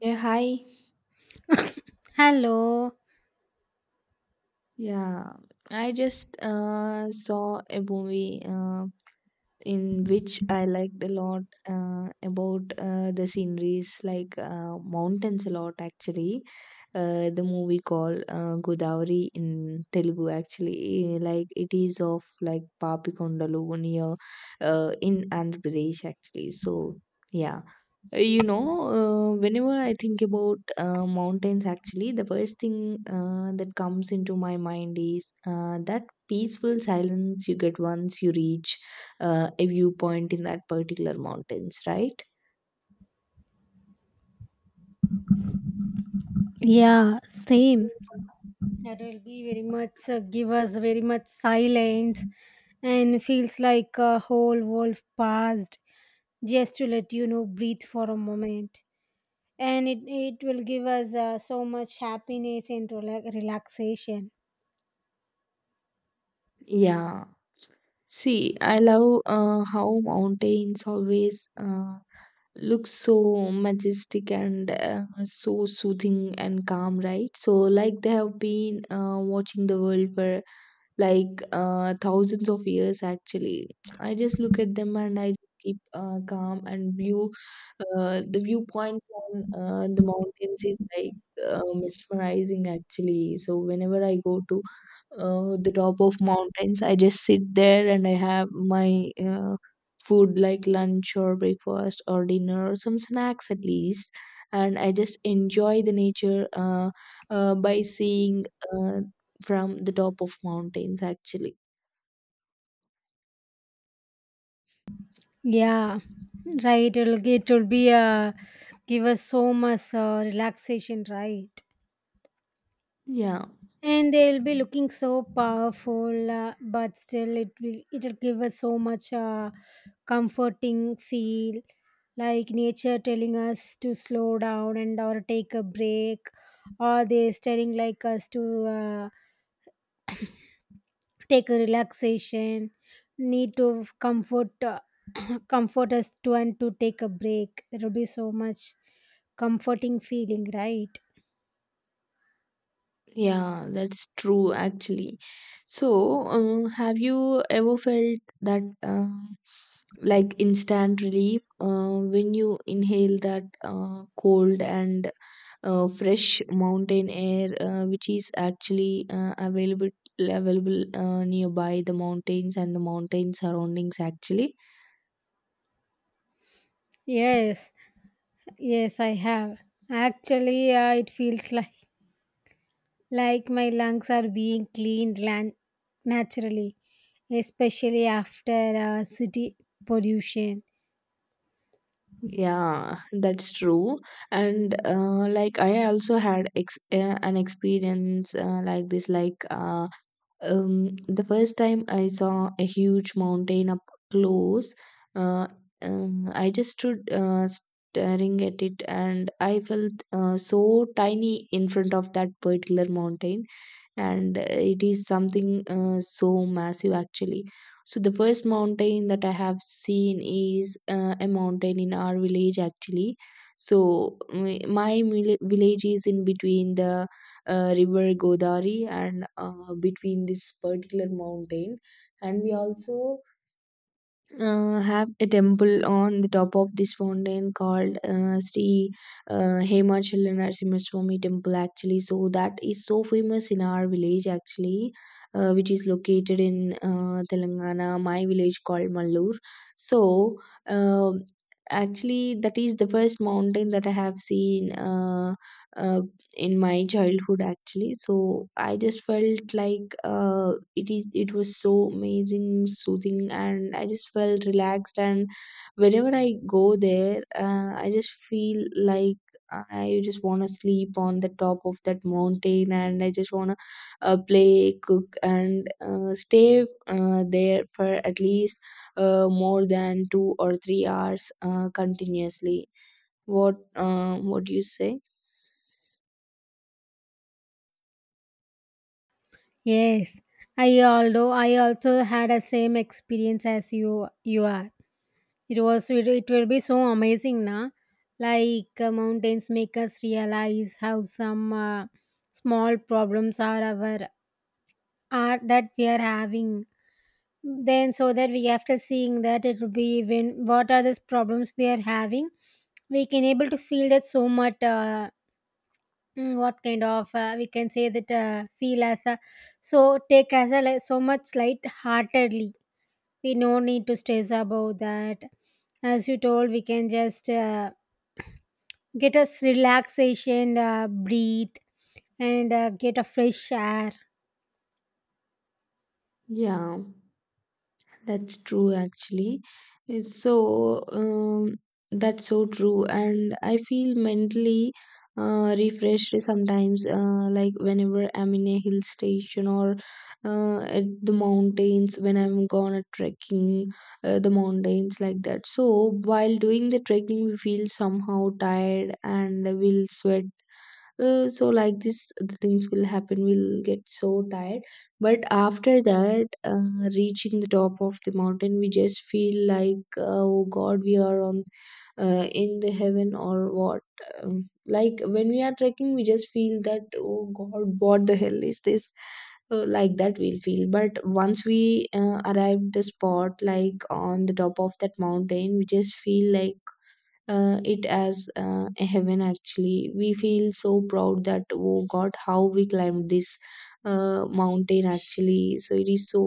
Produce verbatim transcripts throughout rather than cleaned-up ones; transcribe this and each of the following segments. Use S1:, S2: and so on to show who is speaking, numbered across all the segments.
S1: Yeah, hi.
S2: Hello.
S1: Yeah, I just uh, saw a movie uh, in which I liked a lot uh, about uh, the sceneries, like uh, mountains a lot actually. Uh, the movie called uh, Godavari in Telugu actually, eh, like it is of like Papikondalu near uh, in Andhra Pradesh actually. So yeah. Uh, You know, uh, whenever I think about uh, mountains, actually, the first thing uh, that comes into my mind is uh, that peaceful silence you get once you reach uh, a viewpoint in that particular mountains, right?
S2: Yeah, same. That will be very much uh, give us very much silence and feels like a whole world passed just to let you know breathe for a moment. And it, it will give us uh, so much happiness and rela- relaxation.
S1: Yeah. See, I love uh, how mountains always uh, look so majestic and uh, so soothing and calm, right? So, like they have been uh, watching the world for like uh, thousands of years actually. I just look at them and I just keep uh, calm and view. Uh, the viewpoint on uh, the mountains is like uh, mesmerizing actually. So whenever I go to uh, the top of mountains, I just sit there and I have my uh, food, like lunch or breakfast or dinner or some snacks at least, and I just enjoy the nature uh, uh, by seeing uh, from the top of mountains actually.
S2: Yeah, right. It'll, it will be uh, give us so much uh, relaxation, right?
S1: Yeah,
S2: And they'll be looking so powerful uh, but still it will it'll give us so much uh, comforting feel, like nature telling us to slow down and or take a break, or they're telling like us to uh, take a relaxation, need to comfort uh, comfort us to and to take a break. There will be so much comforting feeling, right?
S1: yeah, that's true actually. So um, have you ever felt that uh, like instant relief uh, when you inhale that uh, cold and uh, fresh mountain air uh, which is actually uh, available available uh, nearby the mountains and the mountain surroundings actually?
S2: Yes, yes, I have. Actually, uh, it feels like, like my lungs are being cleaned lan- naturally, especially after uh, city pollution.
S1: Yeah, that's true. And uh, like I also had ex uh, an experience uh, like this. Like uh, um, the first time I saw a huge mountain up close, uh, um, I just stood uh, staring at it, and I felt uh, so tiny in front of that particular mountain, and uh, it is something uh, so massive actually. So the first mountain that I have seen is uh, a mountain in our village actually. So mm, my mil- village is in between the uh, river Godavari and uh, between this particular mountain, and we also uh, have a temple on the top of this fountain called uh, Sri uh, Hemachala Narasimhaswamy temple actually. So that is so famous in our village actually, uh, which is located in uh, Telangana. My village called Mallur. So um actually that is the first mountain that I have seen uh, uh, in my childhood actually. So I just felt like uh, it is it was so amazing, soothing, and I just felt relaxed. And whenever I go there, uh, I just feel like I just want to sleep on the top of that mountain, and I just want to uh, play, cook, and uh, stay uh, there for at least uh, more than two or three hours uh, continuously. What uh, what do you say?
S2: Yes, I, although I also had a same experience as you you are. It was it, it will be so amazing, na? Like uh, mountains make us realize how some uh, small problems are our, are that we are having, then so that we, after seeing that, it will be, when what are these problems we are having, we can able to feel that so much uh, mm, what kind of uh, we can say that uh, feel as a, so take as a li- so much light heartedly. We no need to stress about that. As you told, we can just uh, get us relaxation, uh, breathe and uh, get a fresh air.
S1: Yeah. That's true, actually. It's so um, that's so true, and I feel mentally uh, refreshed sometimes. Uh, like whenever I'm in a hill station or uh, at the mountains, when I'm gone a trekking, uh, the mountains like that. So while doing the trekking, we feel somehow tired and we'll sweat. Uh, so like this, the things will happen, we'll get so tired. But after that, uh, reaching the top of the mountain, we just feel like, uh, oh god, we are on uh, in the heaven or what. um, like when we are trekking, we just feel that, oh god, what the hell is this, uh, like that we'll feel. But once we uh, arrive the spot, like on the top of that mountain, we just feel like uh, it as uh, a heaven actually. We feel so proud that, oh god, how we climbed this uh, mountain actually. So it is so,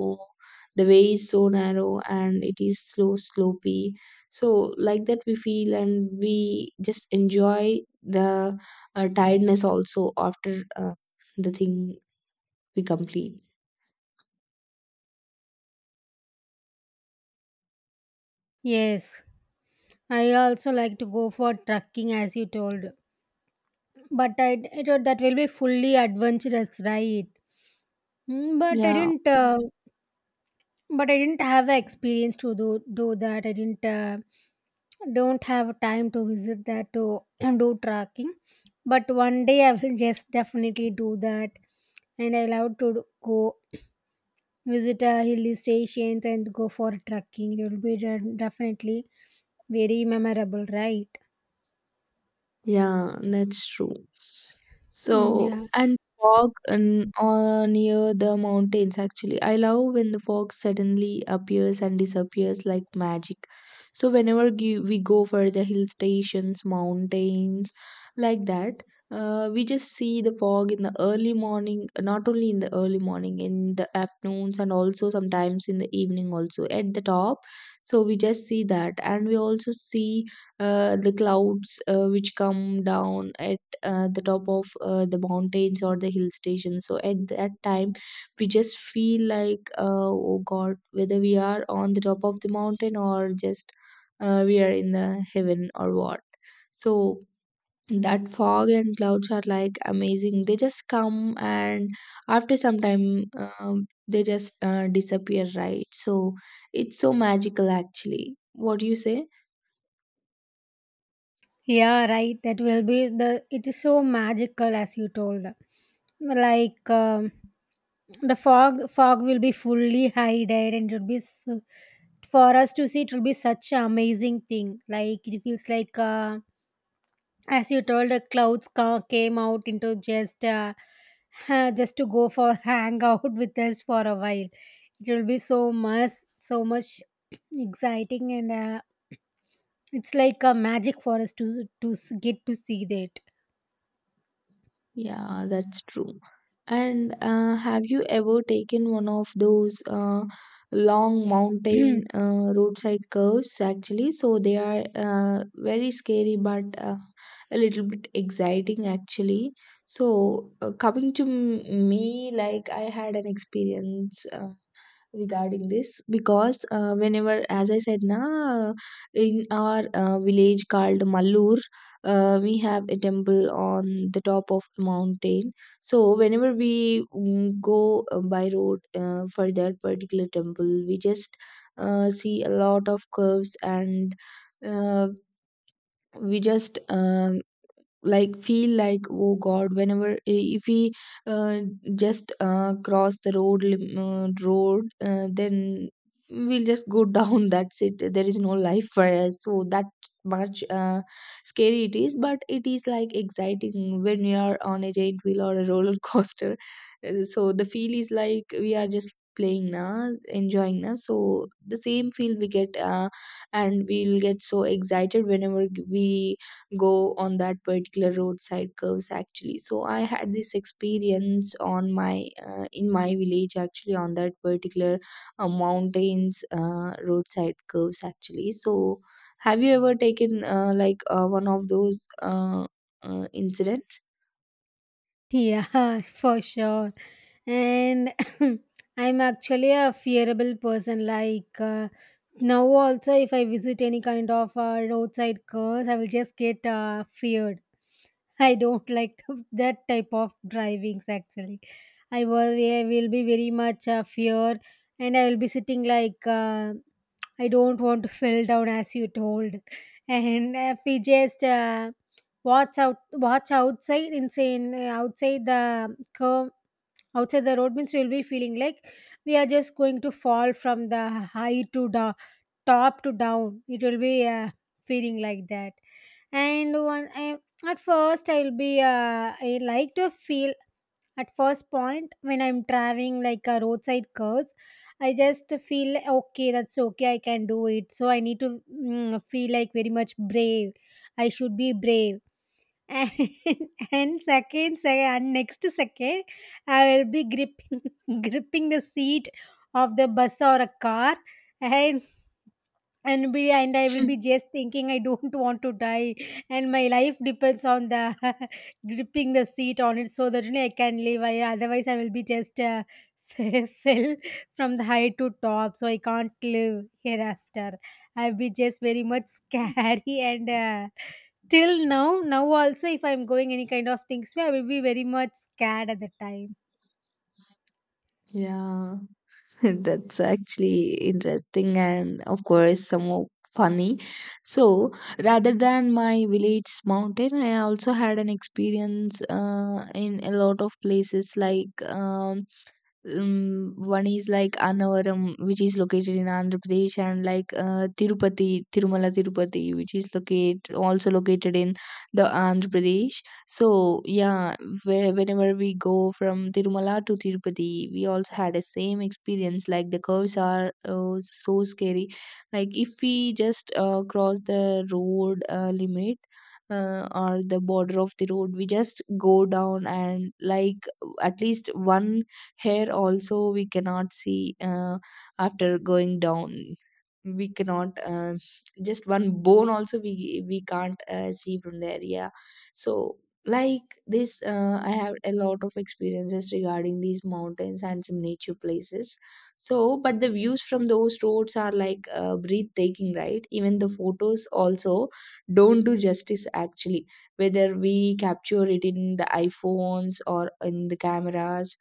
S1: the way is so narrow and it is slow slopey. So like that we feel, and we just enjoy the uh, tiredness also after uh, the thing we complete.
S2: Yes, I also like to go for trekking, as you told. But I I thought that will be fully adventurous, right? Mm, But I
S1: Yeah.
S2: didn't. Uh, but I didn't have the experience to do do that. I didn't. Uh, don't have time to visit that to do trekking. But one day I will just definitely do that, and I love to do- go visit a hilly stations and go for trekking. It will be de- definitely very memorable, right?
S1: Yeah, that's true.
S2: Mm,
S1: So,
S2: yeah.
S1: and fog in, uh, near the mountains actually. I love when the fog suddenly appears and disappears like magic. So, whenever g- we go for the hill stations, mountains, like that, uh, we just see the fog in the early morning, not only in the early morning, in the afternoons, and also sometimes in the evening, also at the top. So, we just see that, and we also see uh, the clouds uh, which come down at uh, the top of uh, the mountains or the hill station. So at that time, we just feel like, uh, oh god, whether we are on the top of the mountain, or just uh, we are in the heaven or what. So that fog and clouds are like amazing. They just come and after some time um, they just uh, disappear, right? So it's so magical actually. What do you say?
S2: Yeah, right. That will be the. It is so magical, as you told. Like um, the fog, fog will be fully hided, and it will be so, for us to see. It will be such an amazing thing. Like it feels like, uh, as you told, the clouds ca- came out into just, uh, just to go for hang out with us for a while. It will be so much, so much exciting and. Uh, it's like a magic for us to to s- get to see that.
S1: Yeah, that's true. And uh, have you ever taken one of those uh, long mountain uh, roadside curves actually? So they are uh, very scary but uh, a little bit exciting actually. So uh, coming to m- me, like I had an experience. Uh, regarding this, because uh, whenever, as I said na, in our uh, village called Mallur, uh, we have a temple on the top of a mountain. So whenever we mm, go uh, by road uh, for that particular temple, we just uh, see a lot of curves and uh, we just um, like feel like, oh god, whenever, if we uh, just uh, cross the road lim- uh, road uh, then we'll just go down. That's it, there is no life for us. So that much uh, scary it is. But it is like exciting when you are on a giant wheel or a roller coaster. Uh, so the feel is like we are just playing now, enjoying now. So the same feel we get, uh, and we'll get so excited whenever we go on that particular roadside curves actually. So I had this experience on my uh, in my village actually on that particular uh, mountains uh, roadside curves actually. So have you ever taken uh, like uh, one of those uh, uh, incidents?
S2: Yeah, for sure. And I'm actually a fearable person. Like uh, now, also, if I visit any kind of uh, roadside cars, I will just get uh, feared. I don't like that type of drivings actually. I was I will be very much uh, fear, and I will be sitting like uh, I don't want to fall down, as you told, and if we just uh, What's out what's outside insane, uh, outside the curve, outside the road means you'll be feeling like we are just going to fall from the high to the top to down. It will be uh, feeling like that. And one I, at first, i'll be uh, i like to feel. At first point, when I'm driving like a roadside curves, I just feel like, okay, that's okay, I can do it, so I need to mm, feel like very much brave, I should be brave. And, and second, se- and next second, I will be gripping, gripping the seat of the bus or a car, and and be and I will be just thinking I don't want to die, and my life depends on the gripping the seat on it, so that only I can live. I, otherwise, I will be just uh, fell from the height to top, so I can't live hereafter. I'll be just very much scary and. Uh, till now now also, if I'm going any kind of things, I will be very much scared at the time.
S1: Yeah. That's actually interesting and, of course, somewhat funny. So, rather than my village mountain, I also had an experience uh, in a lot of places, like um, um, one is like Annavaram, which is located in Andhra Pradesh, and like uh, Tirupati, Tirumala Tirupati, which is locate also located in the Andhra Pradesh. So yeah, where, whenever we go from Tirumala to Tirupati, we also had a same experience. Like the curves are uh, so scary. Like if we just uh, cross the road uh, limit. Uh, or the border of the road, we just go down and like at least one. Here also we cannot see uh, after going down. We cannot uh, just one bone also we we can't uh, see from there, yeah. So like this, uh, I have a lot of experiences regarding these mountains and some nature places. So but the views from those roads are like uh, breathtaking, right? Even the photos also don't do justice actually, whether we capture it in the iPhones or in the cameras,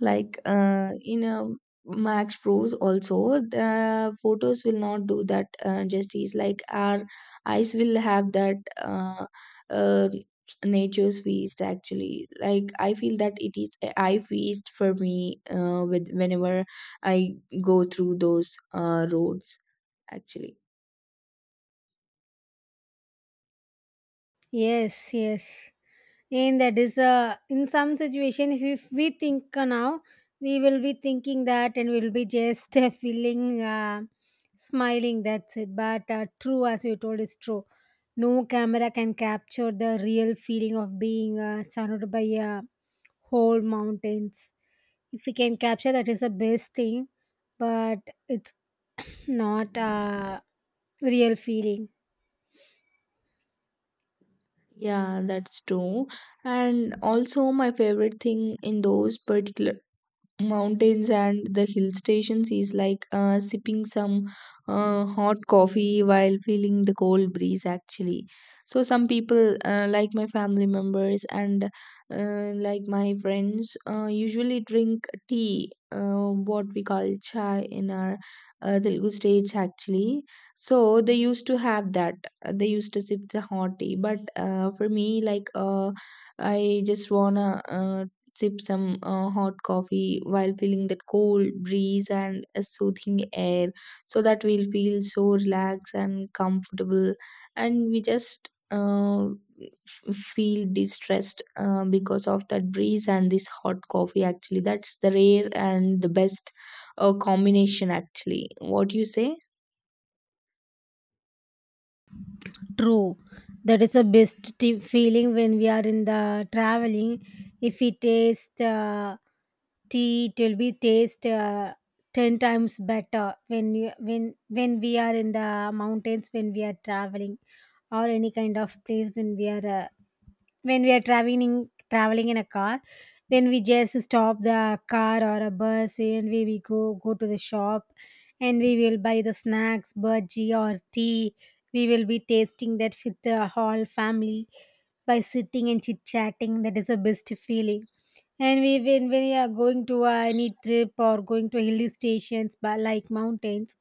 S1: like uh, in a Max Pros also, the photos will not do that uh, justice. Like our eyes will have that uh, uh, nature's feast actually. Like I feel that it is a eye feast for me uh, with whenever I go through those uh, roads actually.
S2: Yes, yes. And that is uh, in some situation, if, if we think uh, now, we will be thinking that, and we'll be just uh, feeling uh, smiling, that's it. But uh, true, as you told, is true. No camera can capture the real feeling of being uh, surrounded by uh, whole mountains. If we can capture that, is the best thing. But it's not a real feeling.
S1: Yeah, that's true. And also my favorite thing in those particular mountains and the hill stations is like uh, sipping some uh, hot coffee while feeling the cold breeze actually. So some people, uh, like my family members and uh, like my friends, uh, usually drink tea, uh, what we call chai in our uh, Telugu states actually. So they used to have that. Uh, they used to sip the hot tea. But uh, for me, like, uh, I just wanna uh, sip some uh, hot coffee while feeling that cold breeze and a soothing air, so that we'll feel so relaxed and comfortable, and we just uh, f- feel distressed uh, because of that breeze and this hot coffee actually. That's the rare and the best uh, combination actually. What do you say?
S2: True. That is the best t- feeling when we are in the traveling. If we taste uh, tea, it will be taste uh, ten times better when you, when when we are in the mountains, when we are traveling, or any kind of place, when we are uh, when we are traveling traveling in a car, when we just stop the car or a bus, and we, we go go to the shop, and we will buy the snacks, burji or tea. We will be tasting that with the whole family by sitting and chit chatting. That is the best feeling. And we, when, when we are going to uh, any trip or going to hilly stations but like mountains,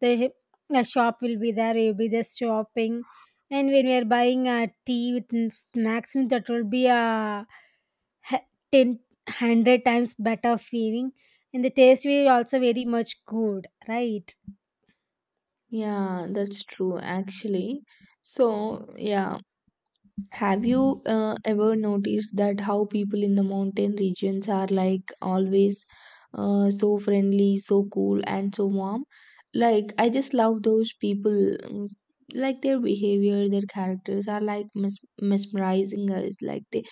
S2: the, the shop will be there, we will be just shopping. And when we are buying a tea with n- snacks, that will be a h- ten hundred times better feeling. And the taste will also very much good, right?
S1: Yeah, that's true actually. So yeah. Have you uh, ever noticed that how people in the mountain regions are like always uh, so friendly, so cool, and so warm? Like, I just love those people. mm, Like, their behavior, their characters are like mes- mesmerizing us. Like, they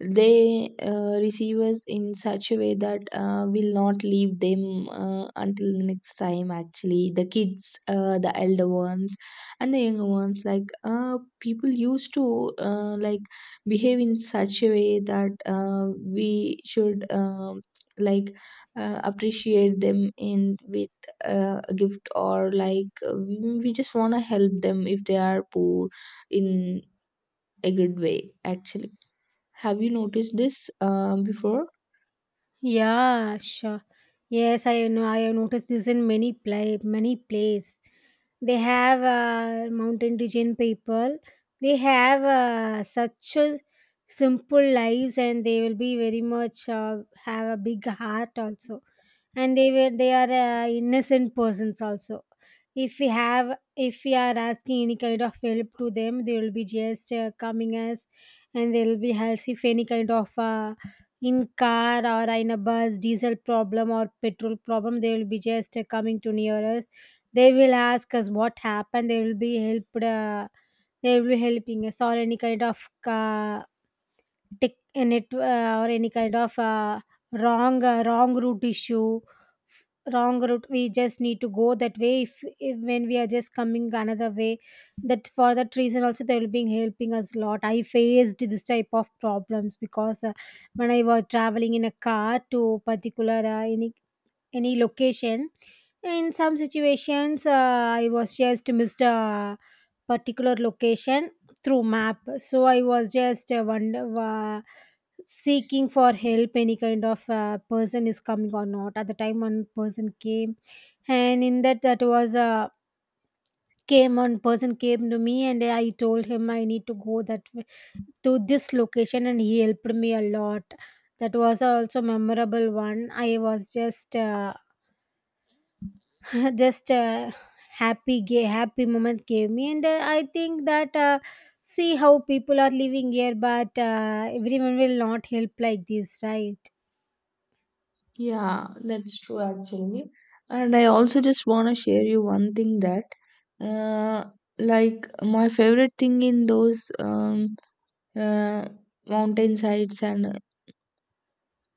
S1: they uh, receive us in such a way that uh, will not leave them uh, until the next time actually. The kids, uh, the elder ones and the younger ones, like uh, people used to, uh, like behave in such a way that uh, we should, um, like uh, appreciate them in with uh, a gift, or like uh, we just want to help them if they are poor in a good way actually. Have you noticed this uh, before?
S2: Yeah, sure. Yes, I know. I have noticed this in many play, many place. They have uh, mountain region people. They have uh, such a simple lives, and they will be very much uh, have a big heart also. And they were they are uh, innocent persons also. If we have, if we are asking any kind of help to them, they will be just uh, coming us, and they will be helps. If any kind of uh, in car or in a bus, diesel problem or petrol problem, they will be just uh, coming to near us. They will ask us what happened, they will be helped, uh, they will be helping us. Or any kind of uh, tech net, or any kind of uh, wrong uh, wrong route issue, wrong route, we just need to go that way. If, if, when we are just coming another way, that for that reason also they will be helping us a lot. I faced this type of problems because uh, when I was traveling in a car to particular uh, any any location. In some situations, uh, I was just missed a particular location through map, so I was just uh, wonder uh, seeking for help, any kind of uh, person is coming or not. At the time, one person came, and in that that was uh, came one person came to me, and I told him I need to go that way to this location, and he helped me a lot. That was also memorable one. I was just uh, just a happy gay happy moment gave me. And uh, I think that uh, see how people are living here, but uh, everyone will not help like this, right?
S1: Yeah, that's true actually. And I also just want to share you one thing that, uh, like my favorite thing in those um, uh, mountain sides and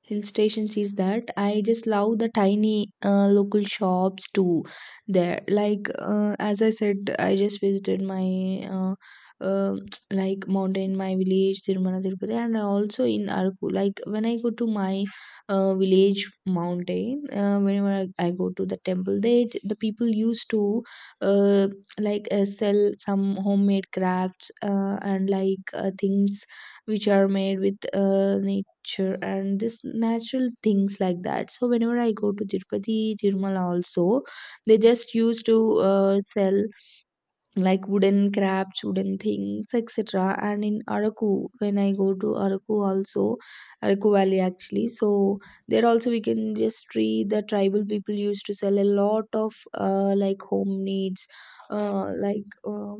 S1: hill stations is that I just love the tiny uh, local shops too there. Like uh, as I said, I just visited my uh, uh, like mountain, my village, Tirumala Tirupati, and also in Araku. Like when I go to my uh, village mountain, uh, whenever I, I go to the temple, they the people used to, uh, like uh, sell some homemade crafts, uh, and like uh, things which are made with uh, na- culture and this natural things like that. So whenever I go to Tirupati, Tirumala also, they just used to uh, sell like wooden crafts, wooden things, etc. And in Araku, when I go to Araku also, Araku valley actually. So there also we can just see the tribal people used to sell a lot of uh, like home needs, uh, like uh,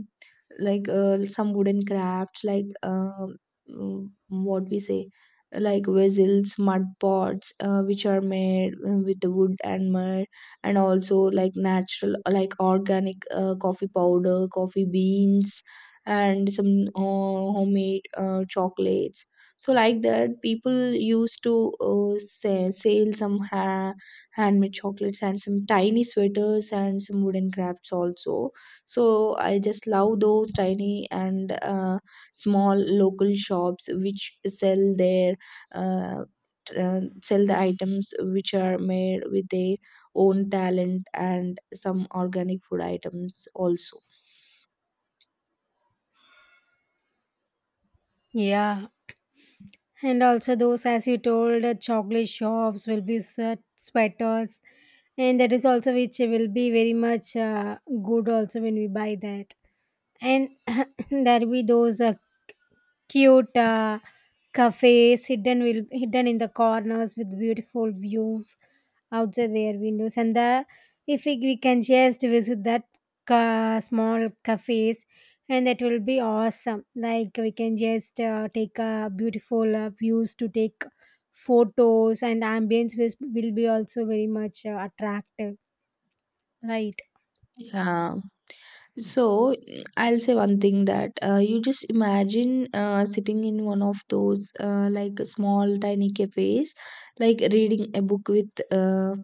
S1: like uh, some wooden crafts, like um, mm, what we say, like vessels, mud pots, uh, which are made uh, with the wood and mud, and also like natural, like organic uh, coffee powder, coffee beans, and some uh, homemade uh, chocolates. So like that, people used to, uh, say, sell some ha- handmade chocolates and some tiny sweaters and some wooden crafts also. So I just love those tiny and uh, small local shops which sell their uh, t- uh, sell the items which are made with a own talent and some organic food items also.
S2: Yeah. And also those, as you told, uh, chocolate shops will be set sweaters, and that is also which will be very much uh, good also when we buy that. And there will be those uh, cute uh, cafes hidden, will hidden in the corners with beautiful views outside their windows. And the, if we, we can just visit that ca- small cafes, and that will be awesome. Like we can just uh, take uh, beautiful uh, views, to take photos, and ambience will, will be also very much uh, attractive, right?
S1: Yeah. So mm, I'll say one thing that, uh, you just imagine uh, sitting in one of those uh, like small tiny cafes, like reading a book with uh,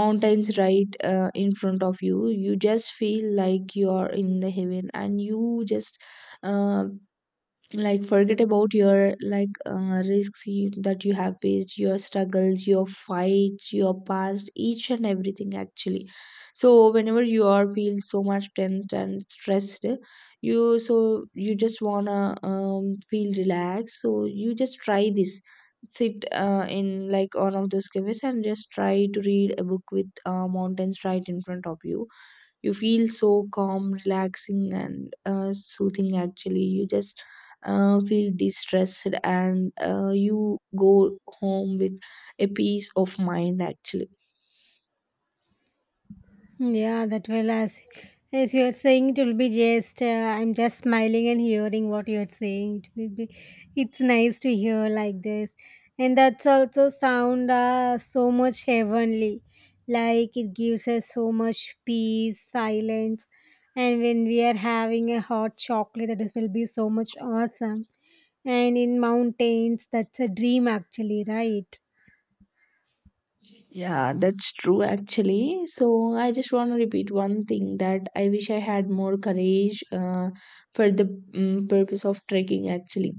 S1: mountains right uh, in front of you. You just feel like you are in the heaven and you just, uh, like forget about your like uh, risks you, that you have faced, your struggles, your fights, your past, each and everything actually. So whenever you are feel so much tensed and stressed, you so you just wanna um, feel relaxed. So you just try this: sit uh, in like one of those cafes and just try to read a book with uh, mountains right in front of you. You feel so calm, relaxing and uh, soothing actually. You just uh, feel distressed and uh, you go home with a peace of mind actually.
S2: Yeah, that will as as you are saying, it will be just uh, I'm just smiling and hearing what you are saying. It will be, it's nice to hear like this, and that's also sound uh, so much heavenly, like it gives us so much peace, silence, and when we are having a hot chocolate, that will be so much awesome. And in mountains, that's a dream actually, right?
S1: Yeah, that's true actually. So I just want to repeat one thing that I wish I had more courage uh, for the mm purpose of trekking actually.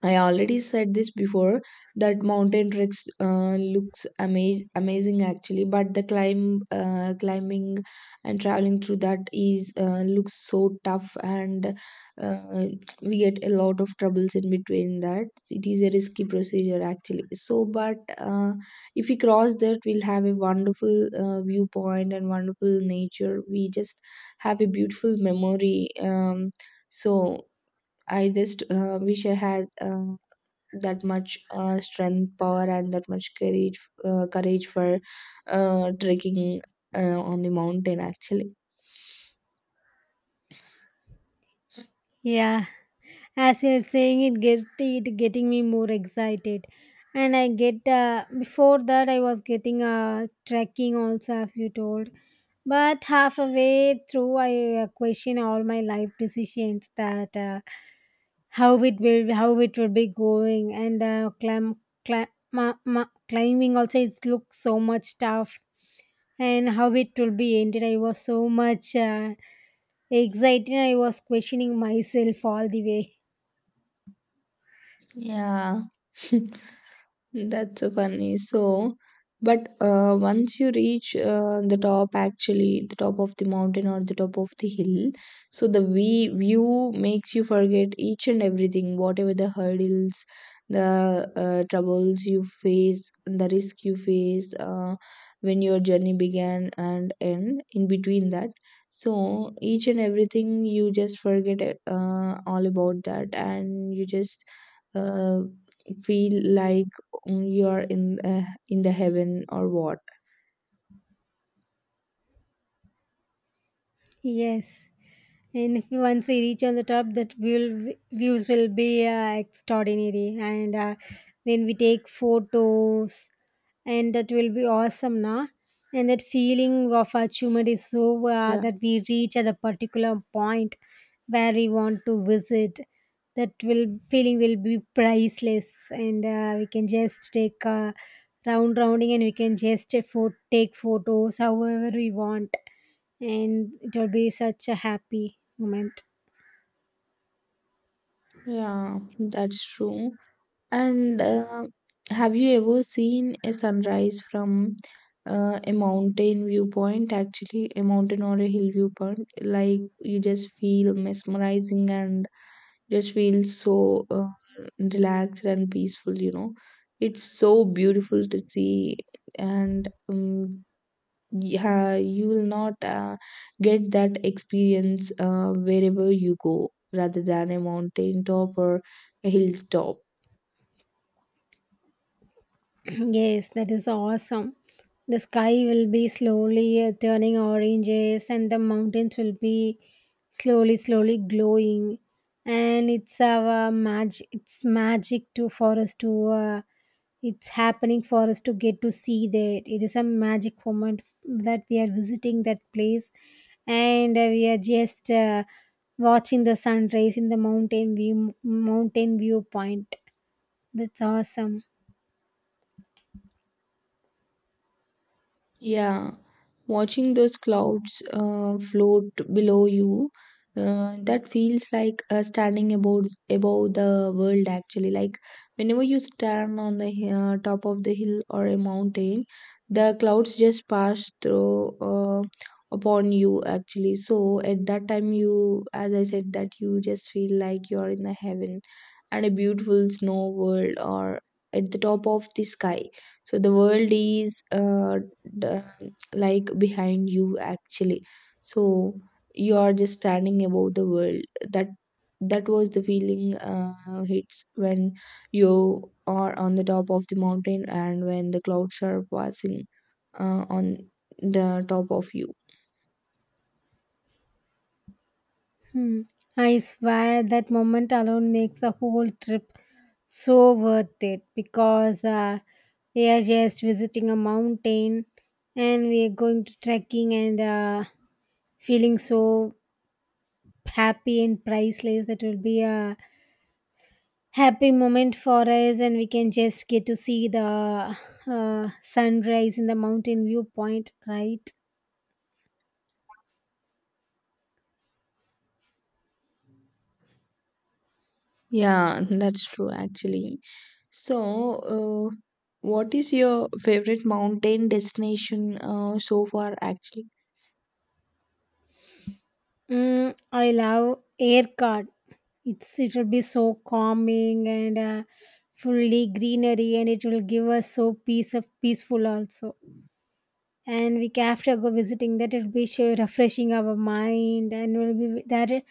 S1: I already said this before that mountain treks uh, looks ama- amazing actually, but the climb, uh, climbing and traveling through that is uh, looks so tough, and uh, we get a lot of troubles in between that. It is a risky procedure actually. So, but uh, if we cross that, we'll have a wonderful uh, viewpoint and wonderful nature. We just have a beautiful memory. Um, so I just uh, wish I had. Uh, that much uh, strength, power, and that much courage, uh, courage for uh, trekking uh, on the mountain. Actually,
S2: Yeah. As you're saying, it gets it getting me more excited. And I get uh, before that, I was getting uh, trekking also, as you told, but halfway through, I uh, question all my life decisions, that uh, how it will how it will be going. And uh, climb, climb, ma, ma, climbing also, it looks so much tough. And how it will be ended, I was so much uh, excited, I was questioning myself all the way.
S1: yeah. That's so funny. So, but uh, once you reach uh, the top, actually, the top of the mountain or the top of the hill, so the we view makes you forget each and everything, whatever the hurdles, the uh, troubles you face, the risk you face uh, when your journey began and end in between that. So, each and everything you just forget uh, all about that, and you just uh, feel like, mm, you are in uh, in the heaven or what.
S2: Yes, and if we- once we reach on the top, that will views will be uh, extraordinary. And uh, when we take photos, and that will be awesome, na. And that feeling of achievement is so uh,
S1: Yeah.
S2: that we reach at a particular point where we want to visit, that will feeling will be priceless. And uh, we can just take a round rounding and we can just uh, pho- take photos however we want, and it will be such a happy moment.
S1: Yeah, that's true. And uh, have you ever seen a sunrise from uh, a mountain viewpoint actually, a mountain or a hill viewpoint? Like you just feel mesmerizing and just feel so uh, relaxed and peaceful, you know. It's so beautiful to see. And um, yeah, you will not uh, get that experience uh, wherever you go rather than a mountain top or a hilltop.
S2: Yes, that is awesome. The sky will be slowly uh, turning oranges, and the mountains will be slowly slowly glowing, and it's our magic, it's magic to for us to uh, it's happening for us to get to see that. It is a magic moment that we are visiting that place, and uh, we are just uh, watching the sunrise in the mountain view mountain viewpoint. That's awesome.
S1: Yeah, watching those clouds uh, float below you, uh, that feels like uh, standing above above the world actually. Like whenever you stand on the hi- uh, top of the hill or a mountain, the clouds just pass through uh, upon you actually. So at that time, you, as I said, that you just feel like you're in the heaven and a beautiful snow world or at the top of the sky. So the world is, uh, the, like behind you actually. So you are just standing above the world. That, that was the feeling uh, hits when you are on the top of the mountain and when the clouds are passing uh, on the top of you.
S2: Hmm. I swear that moment alone makes the whole trip so worth it, because uh, we are just visiting a mountain and we are going to trekking, and uh, feeling so happy and priceless. That will be a happy moment for us, and we can just get to see the uh, sunrise in the mountain viewpoint, right?
S1: Yeah, that's true actually. So uh, what is your favorite mountain destination uh, so far actually?
S2: Mm, I love air card. It's it will be so calming and uh, fully greenery, and it will give us so peace of peaceful also. And week after go visiting that, it will be sure refreshing our mind and will be that it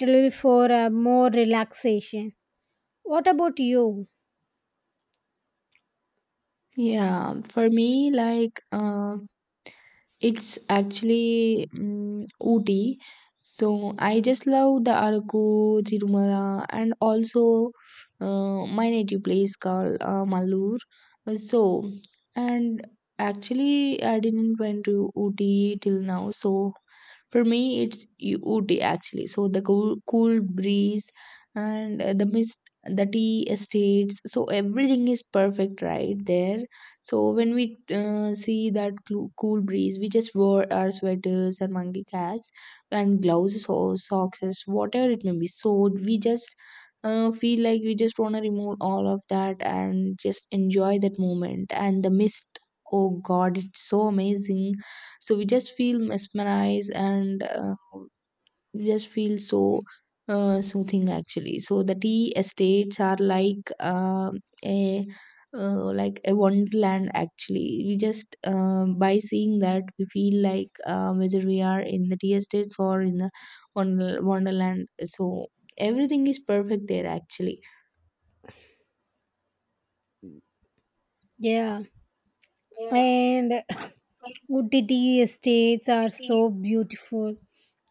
S2: will be for uh, more relaxation. What about you?
S1: Yeah, for me, like, uh, it's actually mm Ooty. So I just love the Araku, Tirumala, and also uh, my native place called uh, Malur. Uh, So, and actually, I didn't went to Ooty till now. So for me, it's U- Ooty actually. So the cool, cool breeze and uh, the mist, the tea estates. So everything is perfect right there. So when we uh, see that clu- cool breeze, we just wore our sweaters and monkey caps and gloves or socks, whatever it may be. So we just uh, feel like we just want to remove all of that and just enjoy that moment and the mist. Oh God, it's so amazing. So we just feel mesmerized and uh, we just feel so uh, soothing actually. So the tea estates are like uh, a uh, like a wonderland actually. We just um, by seeing that, we feel like uh, whether we are in the tea estates or in the wonder- wonderland. So everything is perfect there actually.
S2: Yeah,
S1: Yeah.
S2: and Utti tea estates are so beautiful.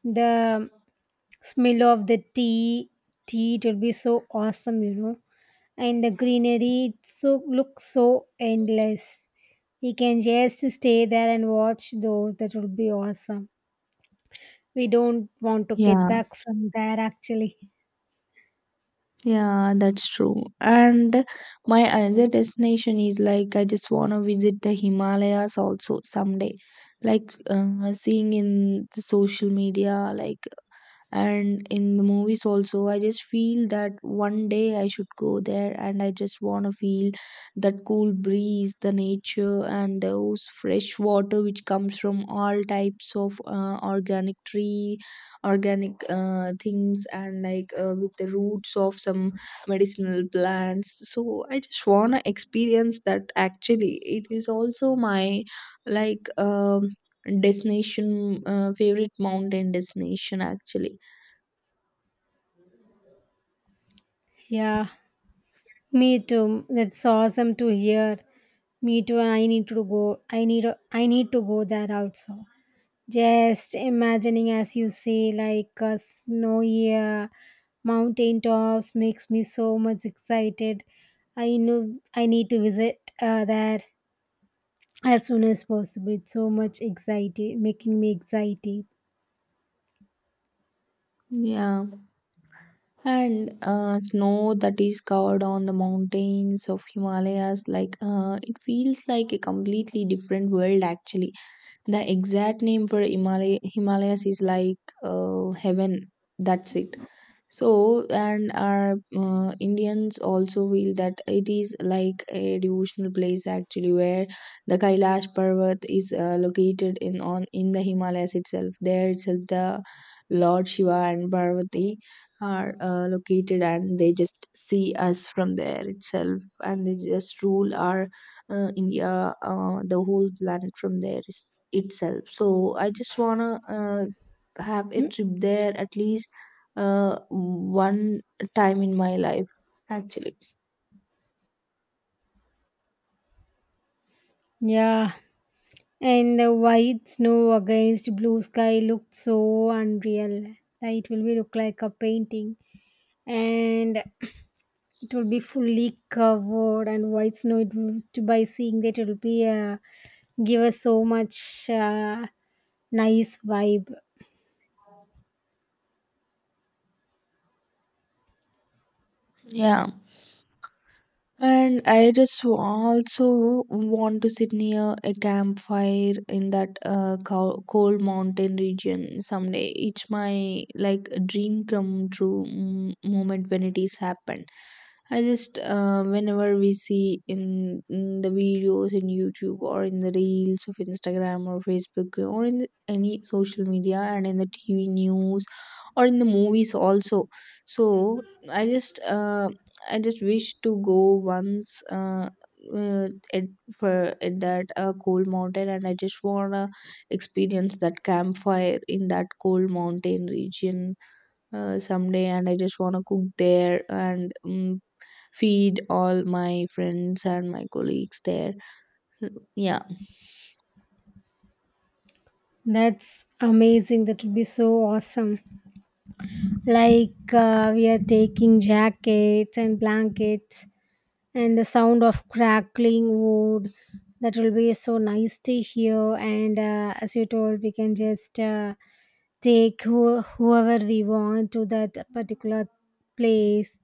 S2: The smell of the tea tea, it will be so awesome, you know, and the greenery, it so looks so endless. We can just stay there and watch those. That will be awesome. We don't want to get
S1: Yeah.
S2: back from there actually.
S1: Yeah, that's true. And my another destination is like I just want to visit the Himalayas also someday. Like uh, seeing in the social media, like, and in the movies also, I just feel that one day I should go there and I just want to feel that cool breeze, the nature, and those fresh water which comes from all types of uh, organic tree, organic uh, things, and like uh, with the roots of some medicinal plants. So I just want to experience that actually. It is also my like um destination, uh, favorite mountain destination actually.
S2: Yeah, me too, that's awesome to hear. Me too, i need to go i need I need to go there also. Just imagining, as you say, like a snowy uh, mountain tops makes me so much excited. I know I need to visit uh, there as soon as possible. It's so much excited, making me excited.
S1: Yeah, and uh, snow that is covered on the mountains of Himalayas, like uh, it feels like a completely different world actually. The exact name for Himalay Himalayas is like uh, heaven. That's it. So, and our uh, Indians also feel that it is like a devotional place actually, where the Kailash Parvat is uh, located in on in the Himalayas itself. There itself, the Lord Shiva and Parvati are uh, located, and they just see us from there itself, and they just rule our uh, India, uh, the whole planet from there is, itself. So, I just wanna uh, have a trip there at least uh one time in my life actually.
S2: Yeah, and the white snow against blue sky looked so unreal. It will be look like a painting, and it will be fully covered and white snow, it will, to by seeing that, it will be uh, give us so much uh, nice vibe.
S1: Yeah. And I just also want to sit near a campfire in that uh, co- cold mountain region someday. It's my like dream come true mm, moment when it is happened. I just uh, whenever we see in, in the videos in YouTube or in the reels of Instagram or Facebook or in the any social media and in the T V news or in the movies also. So I just uh, I just wish to go once, uh, uh, at for at that uh, cold mountain, and I just wanna experience that campfire in that cold mountain region uh, someday. And I just wanna cook there and, um, feed all my friends and my colleagues there. Yeah,
S2: That's amazing, that would be so awesome. Like uh, we are taking jackets and blankets, and the sound of crackling wood, that will be so nice to hear. And uh, as you told, we can just uh, take who, whoever we want to that particular place,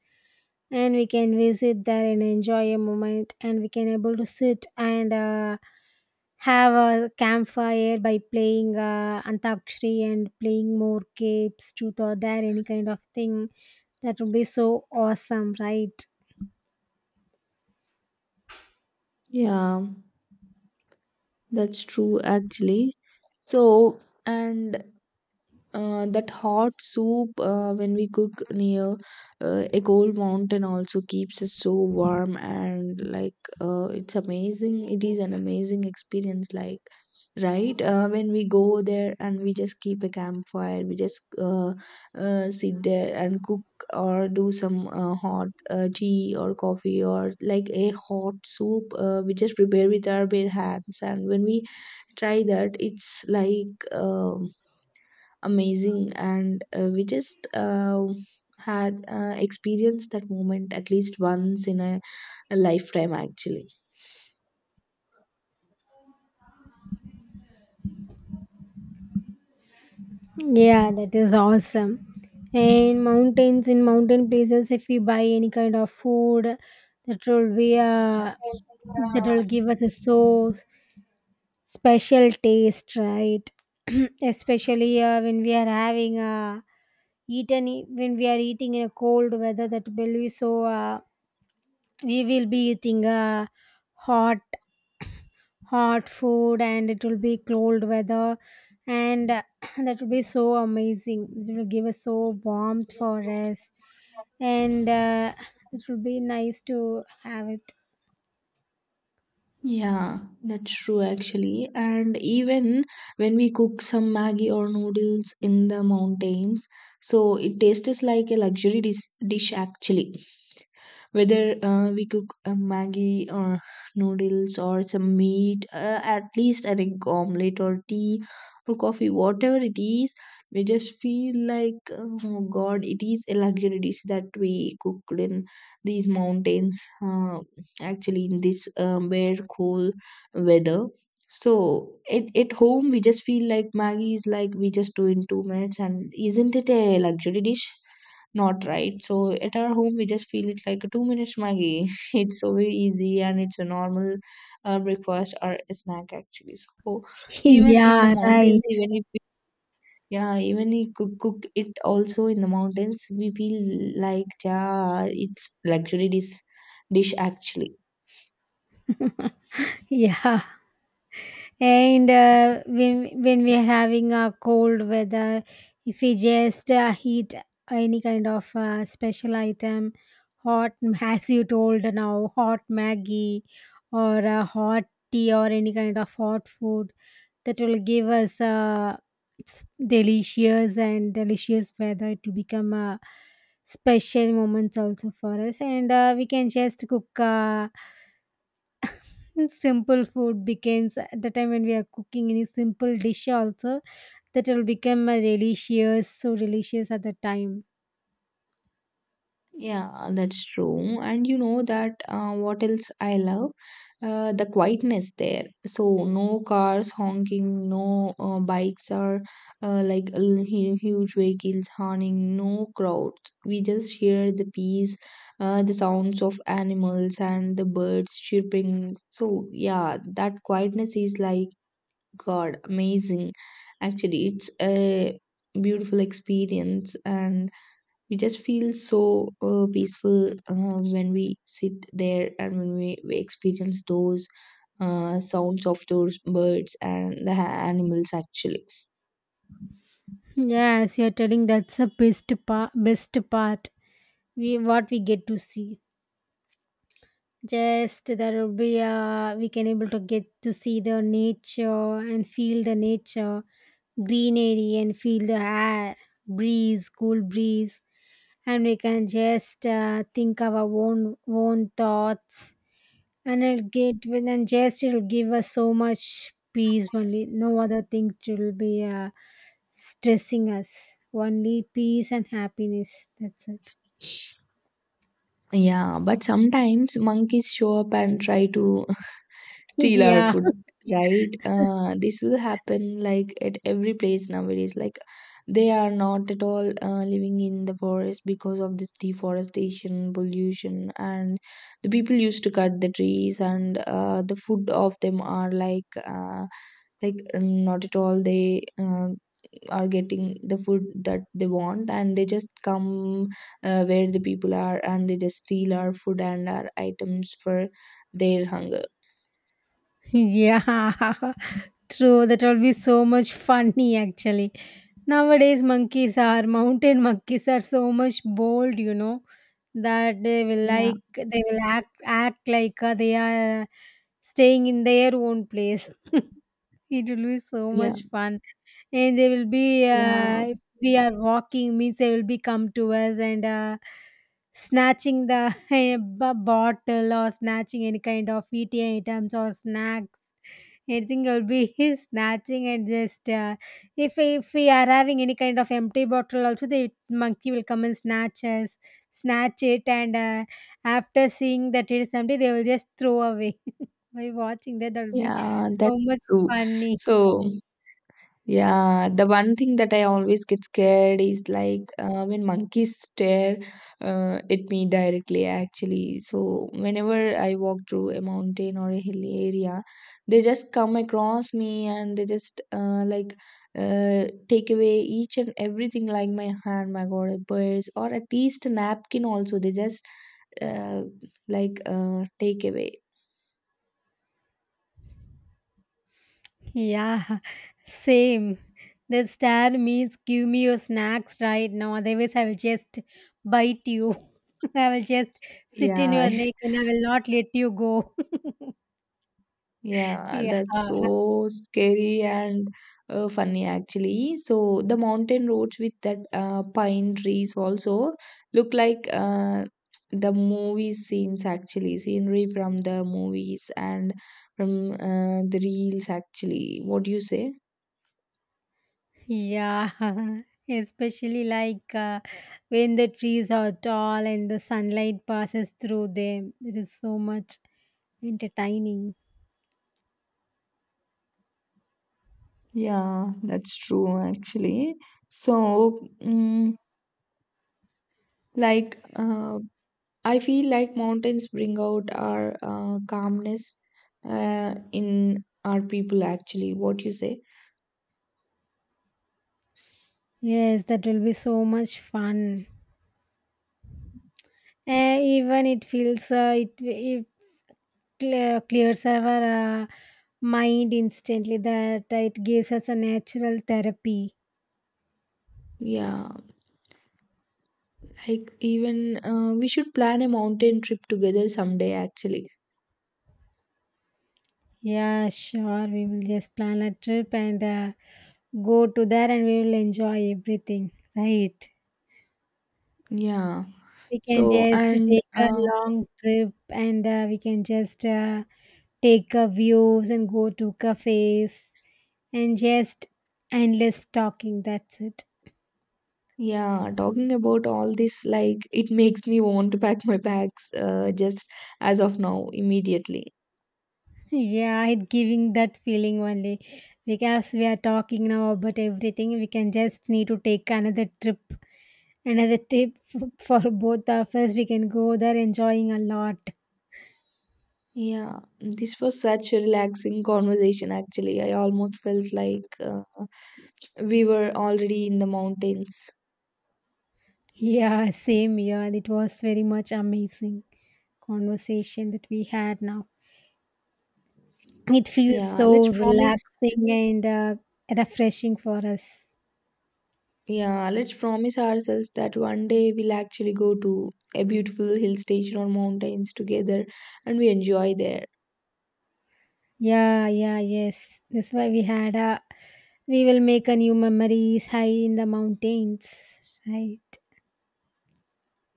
S2: and we can visit there and enjoy a moment, and we can able to sit and uh, have a campfire by playing uh, antakshari and playing more capes, truth or dare, any kind of thing. That would be so awesome, right?
S1: yeah, that's true actually. So and uh, that hot soup uh, when we cook near uh, a cold mountain also keeps us so warm, and like uh, it's amazing. It is an amazing experience, like, right. Uh, when we go there and we just keep a campfire, we just uh, uh, sit there and cook or do some uh, hot uh, tea or coffee or like a hot soup. Uh, we just prepare with our bare hands, and when we try that, it's like um, amazing. And uh, we just uh, had uh, experienced that moment at least once in a, a lifetime actually.
S2: Yeah, that is awesome. And mountains in mountain places, if we buy any kind of food, that will be uh, that will give us a so special taste, right? Especially uh, when we are having uh, eaten i- when we are eating in a cold weather, that will be so uh, we will be eating uh, hot hot food, and it will be cold weather. And uh, that will be so amazing. It will give us so warmth for us, and uh, it will be nice to have it.
S1: Yeah, that's true actually. And even when we cook some Maggi or noodles in the mountains, so it tastes like a luxury dis dish actually. Whether uh, we cook a maggi or noodles or some meat, uh, at least an egg omelette or tea or coffee, whatever it is, we just feel like, oh god, it is a luxury dish that we cooked in these mountains, uh, actually, in this um, bare cool weather. So at, at home we just feel like maggi is like, we just do in two minutes, and isn't it a luxury dish, not right. So at our home, we just feel it like a two minutes Maggie. It's so very easy and it's a normal uh, breakfast or a snack actually. So even in the
S2: Yeah,
S1: mountains,
S2: right.
S1: even if we, yeah, even we cook, cook it also in the mountains, we feel like, yeah, it's luxury dish dish actually.
S2: Yeah, and uh, when when we are having a cold weather, if we just uh, heat any kind of uh, special item, hot, as you told now, hot maggie or a hot tea or any kind of hot food, that will give us uh, s- delicious, and delicious weather. It will become a special moments also for us, and uh, we can just cook uh, and simple food becomes. At the time when we are cooking any simple dish also, that will become a delicious, so delicious at the time.
S1: Yeah, that's true. And you know that, uh, what else I love? Uh, the quietness there. So, no cars honking, no uh, bikes or uh, like l- hu- huge vehicles honking, no crowds. We just hear the peace, uh, the sounds of animals and the birds chirping. So, yeah, that quietness is like, god, amazing. Actually, it's a beautiful experience, and we just feel so uh, peaceful uh, when we sit there, and when we, we experience those uh, sounds of those birds and the ha- animals actually.
S2: Yes, you are telling, that's the best part best part, we what we get to see. Just there will be uh, we can able to get to see the nature and feel the nature, greenery, and feel the air breeze, cool breeze. And we can just uh, think our own own thoughts. And it get with, and just it'll give us so much peace only. No other things will be uh, stressing us. Only peace and happiness. That's it.
S1: Yeah, but sometimes monkeys show up and try to steal our
S2: Yeah.
S1: food, right. Uh, this will happen like at every place nowadays, like they are not at all uh, living in the forest because of this deforestation, pollution, and the people used to cut the trees, and uh, the food of them are like, uh, like um, not at all they uh, are getting the food that they want, and they just come uh, where the people are, and they just steal our food and our items for their hunger.
S2: Yeah, true. That will be so much funny actually. Nowadays, monkeys are mountain monkeys are so much bold, you know, that they will
S1: Yeah,
S2: like they will act act like uh, they are staying in their own place. It will be so
S1: yeah.
S2: much fun, and they will be
S1: Yeah,
S2: uh, if we are walking means they will be come to us, and uh, snatching the b- bottle or snatching any kind of eating items or snack, anything will be snatching, and just uh, if if we are having any kind of empty bottle also, the monkey will come and snatch us, snatch it, and uh, after seeing that it is empty, they will just throw away. By watching that, that'll be
S1: yeah,
S2: so
S1: that's
S2: much
S1: true.
S2: funny.
S1: So, yeah, the one thing that I always get scared is like, uh, when monkeys stare uh, at me directly, actually. So, whenever I walk through a mountain or a hilly area, they just come across me and they just, uh, like uh, take away each and everything, like my hand, my god, a purse, or at least a napkin also. They just uh, like uh, take away.
S2: Yeah, same. The star means give me your snacks right now, otherwise I will just bite you. I will just sit in
S1: Yeah.
S2: your neck and I will not let you go.
S1: Yeah,
S2: Yeah.
S1: that's so scary and uh, funny actually. So the mountain roads with that uh, pine trees also look like uh, the movie scenes, actually, scenery from the movies and from uh, the reels actually. What do you say?
S2: Yeah, especially like uh, when the trees are tall and the sunlight passes through them. It is so much entertaining.
S1: Yeah, that's true actually. So, mm, like, uh, I feel like mountains bring out our uh, calmness uh, in our people, actually. What you say?
S2: Yes, that will be so much fun. Uh, even it feels uh, it it clear, clears our uh, mind instantly. That it gives us a natural therapy.
S1: Yeah, like even, uh, we should plan a mountain trip together someday, actually.
S2: Yeah, sure. We will just plan a trip and uh, go to there, and we will enjoy everything. Right.
S1: Yeah.
S2: We can
S1: So,
S2: just
S1: and
S2: take a
S1: uh,
S2: long trip, and uh, we can just uh, take uh, views and go to cafes and just endless talking. That's it.
S1: yeah, talking about all this, like, it makes me want to pack my bags, uh, just as of now, immediately.
S2: Yeah, it giving that feeling only, because we are talking now about everything. We can just need to take another trip, another trip f- for both of us. We can go there enjoying a lot.
S1: Yeah, this was such a relaxing conversation, actually. I almost felt like uh, we were already in the mountains.
S2: Yeah, same. Yeah, it was very much amazing conversation that we had now. It feels
S1: Yeah, let's
S2: so
S1: promise.
S2: relaxing and uh, refreshing for us.
S1: Yeah, let's promise ourselves that one day we'll actually go to a beautiful hill station or mountains together and we enjoy there.
S2: Yeah, yeah, yes, that's why we had a, we will make a new memories high in the mountains, right?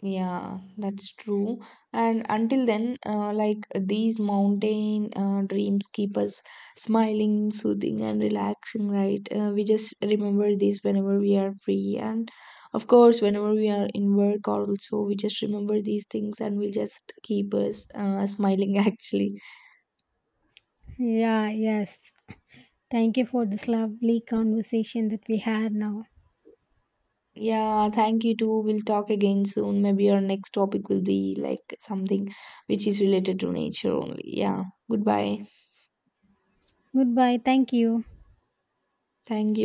S1: Yeah, that's true. And until then, uh, like these mountain uh, dreams keep us smiling, soothing, and relaxing, right? Uh, we just remember this whenever we are free. And of course, whenever we are in work, or also we just remember these things, and will just keep us uh, smiling, actually.
S2: Yeah, yes, thank you for this lovely conversation that we had now.
S1: Yeah, thank you too. We'll talk again soon. Maybe our next topic will be like something which is related to nature only. Yeah, goodbye.
S2: Goodbye, thank you.
S1: Thank you.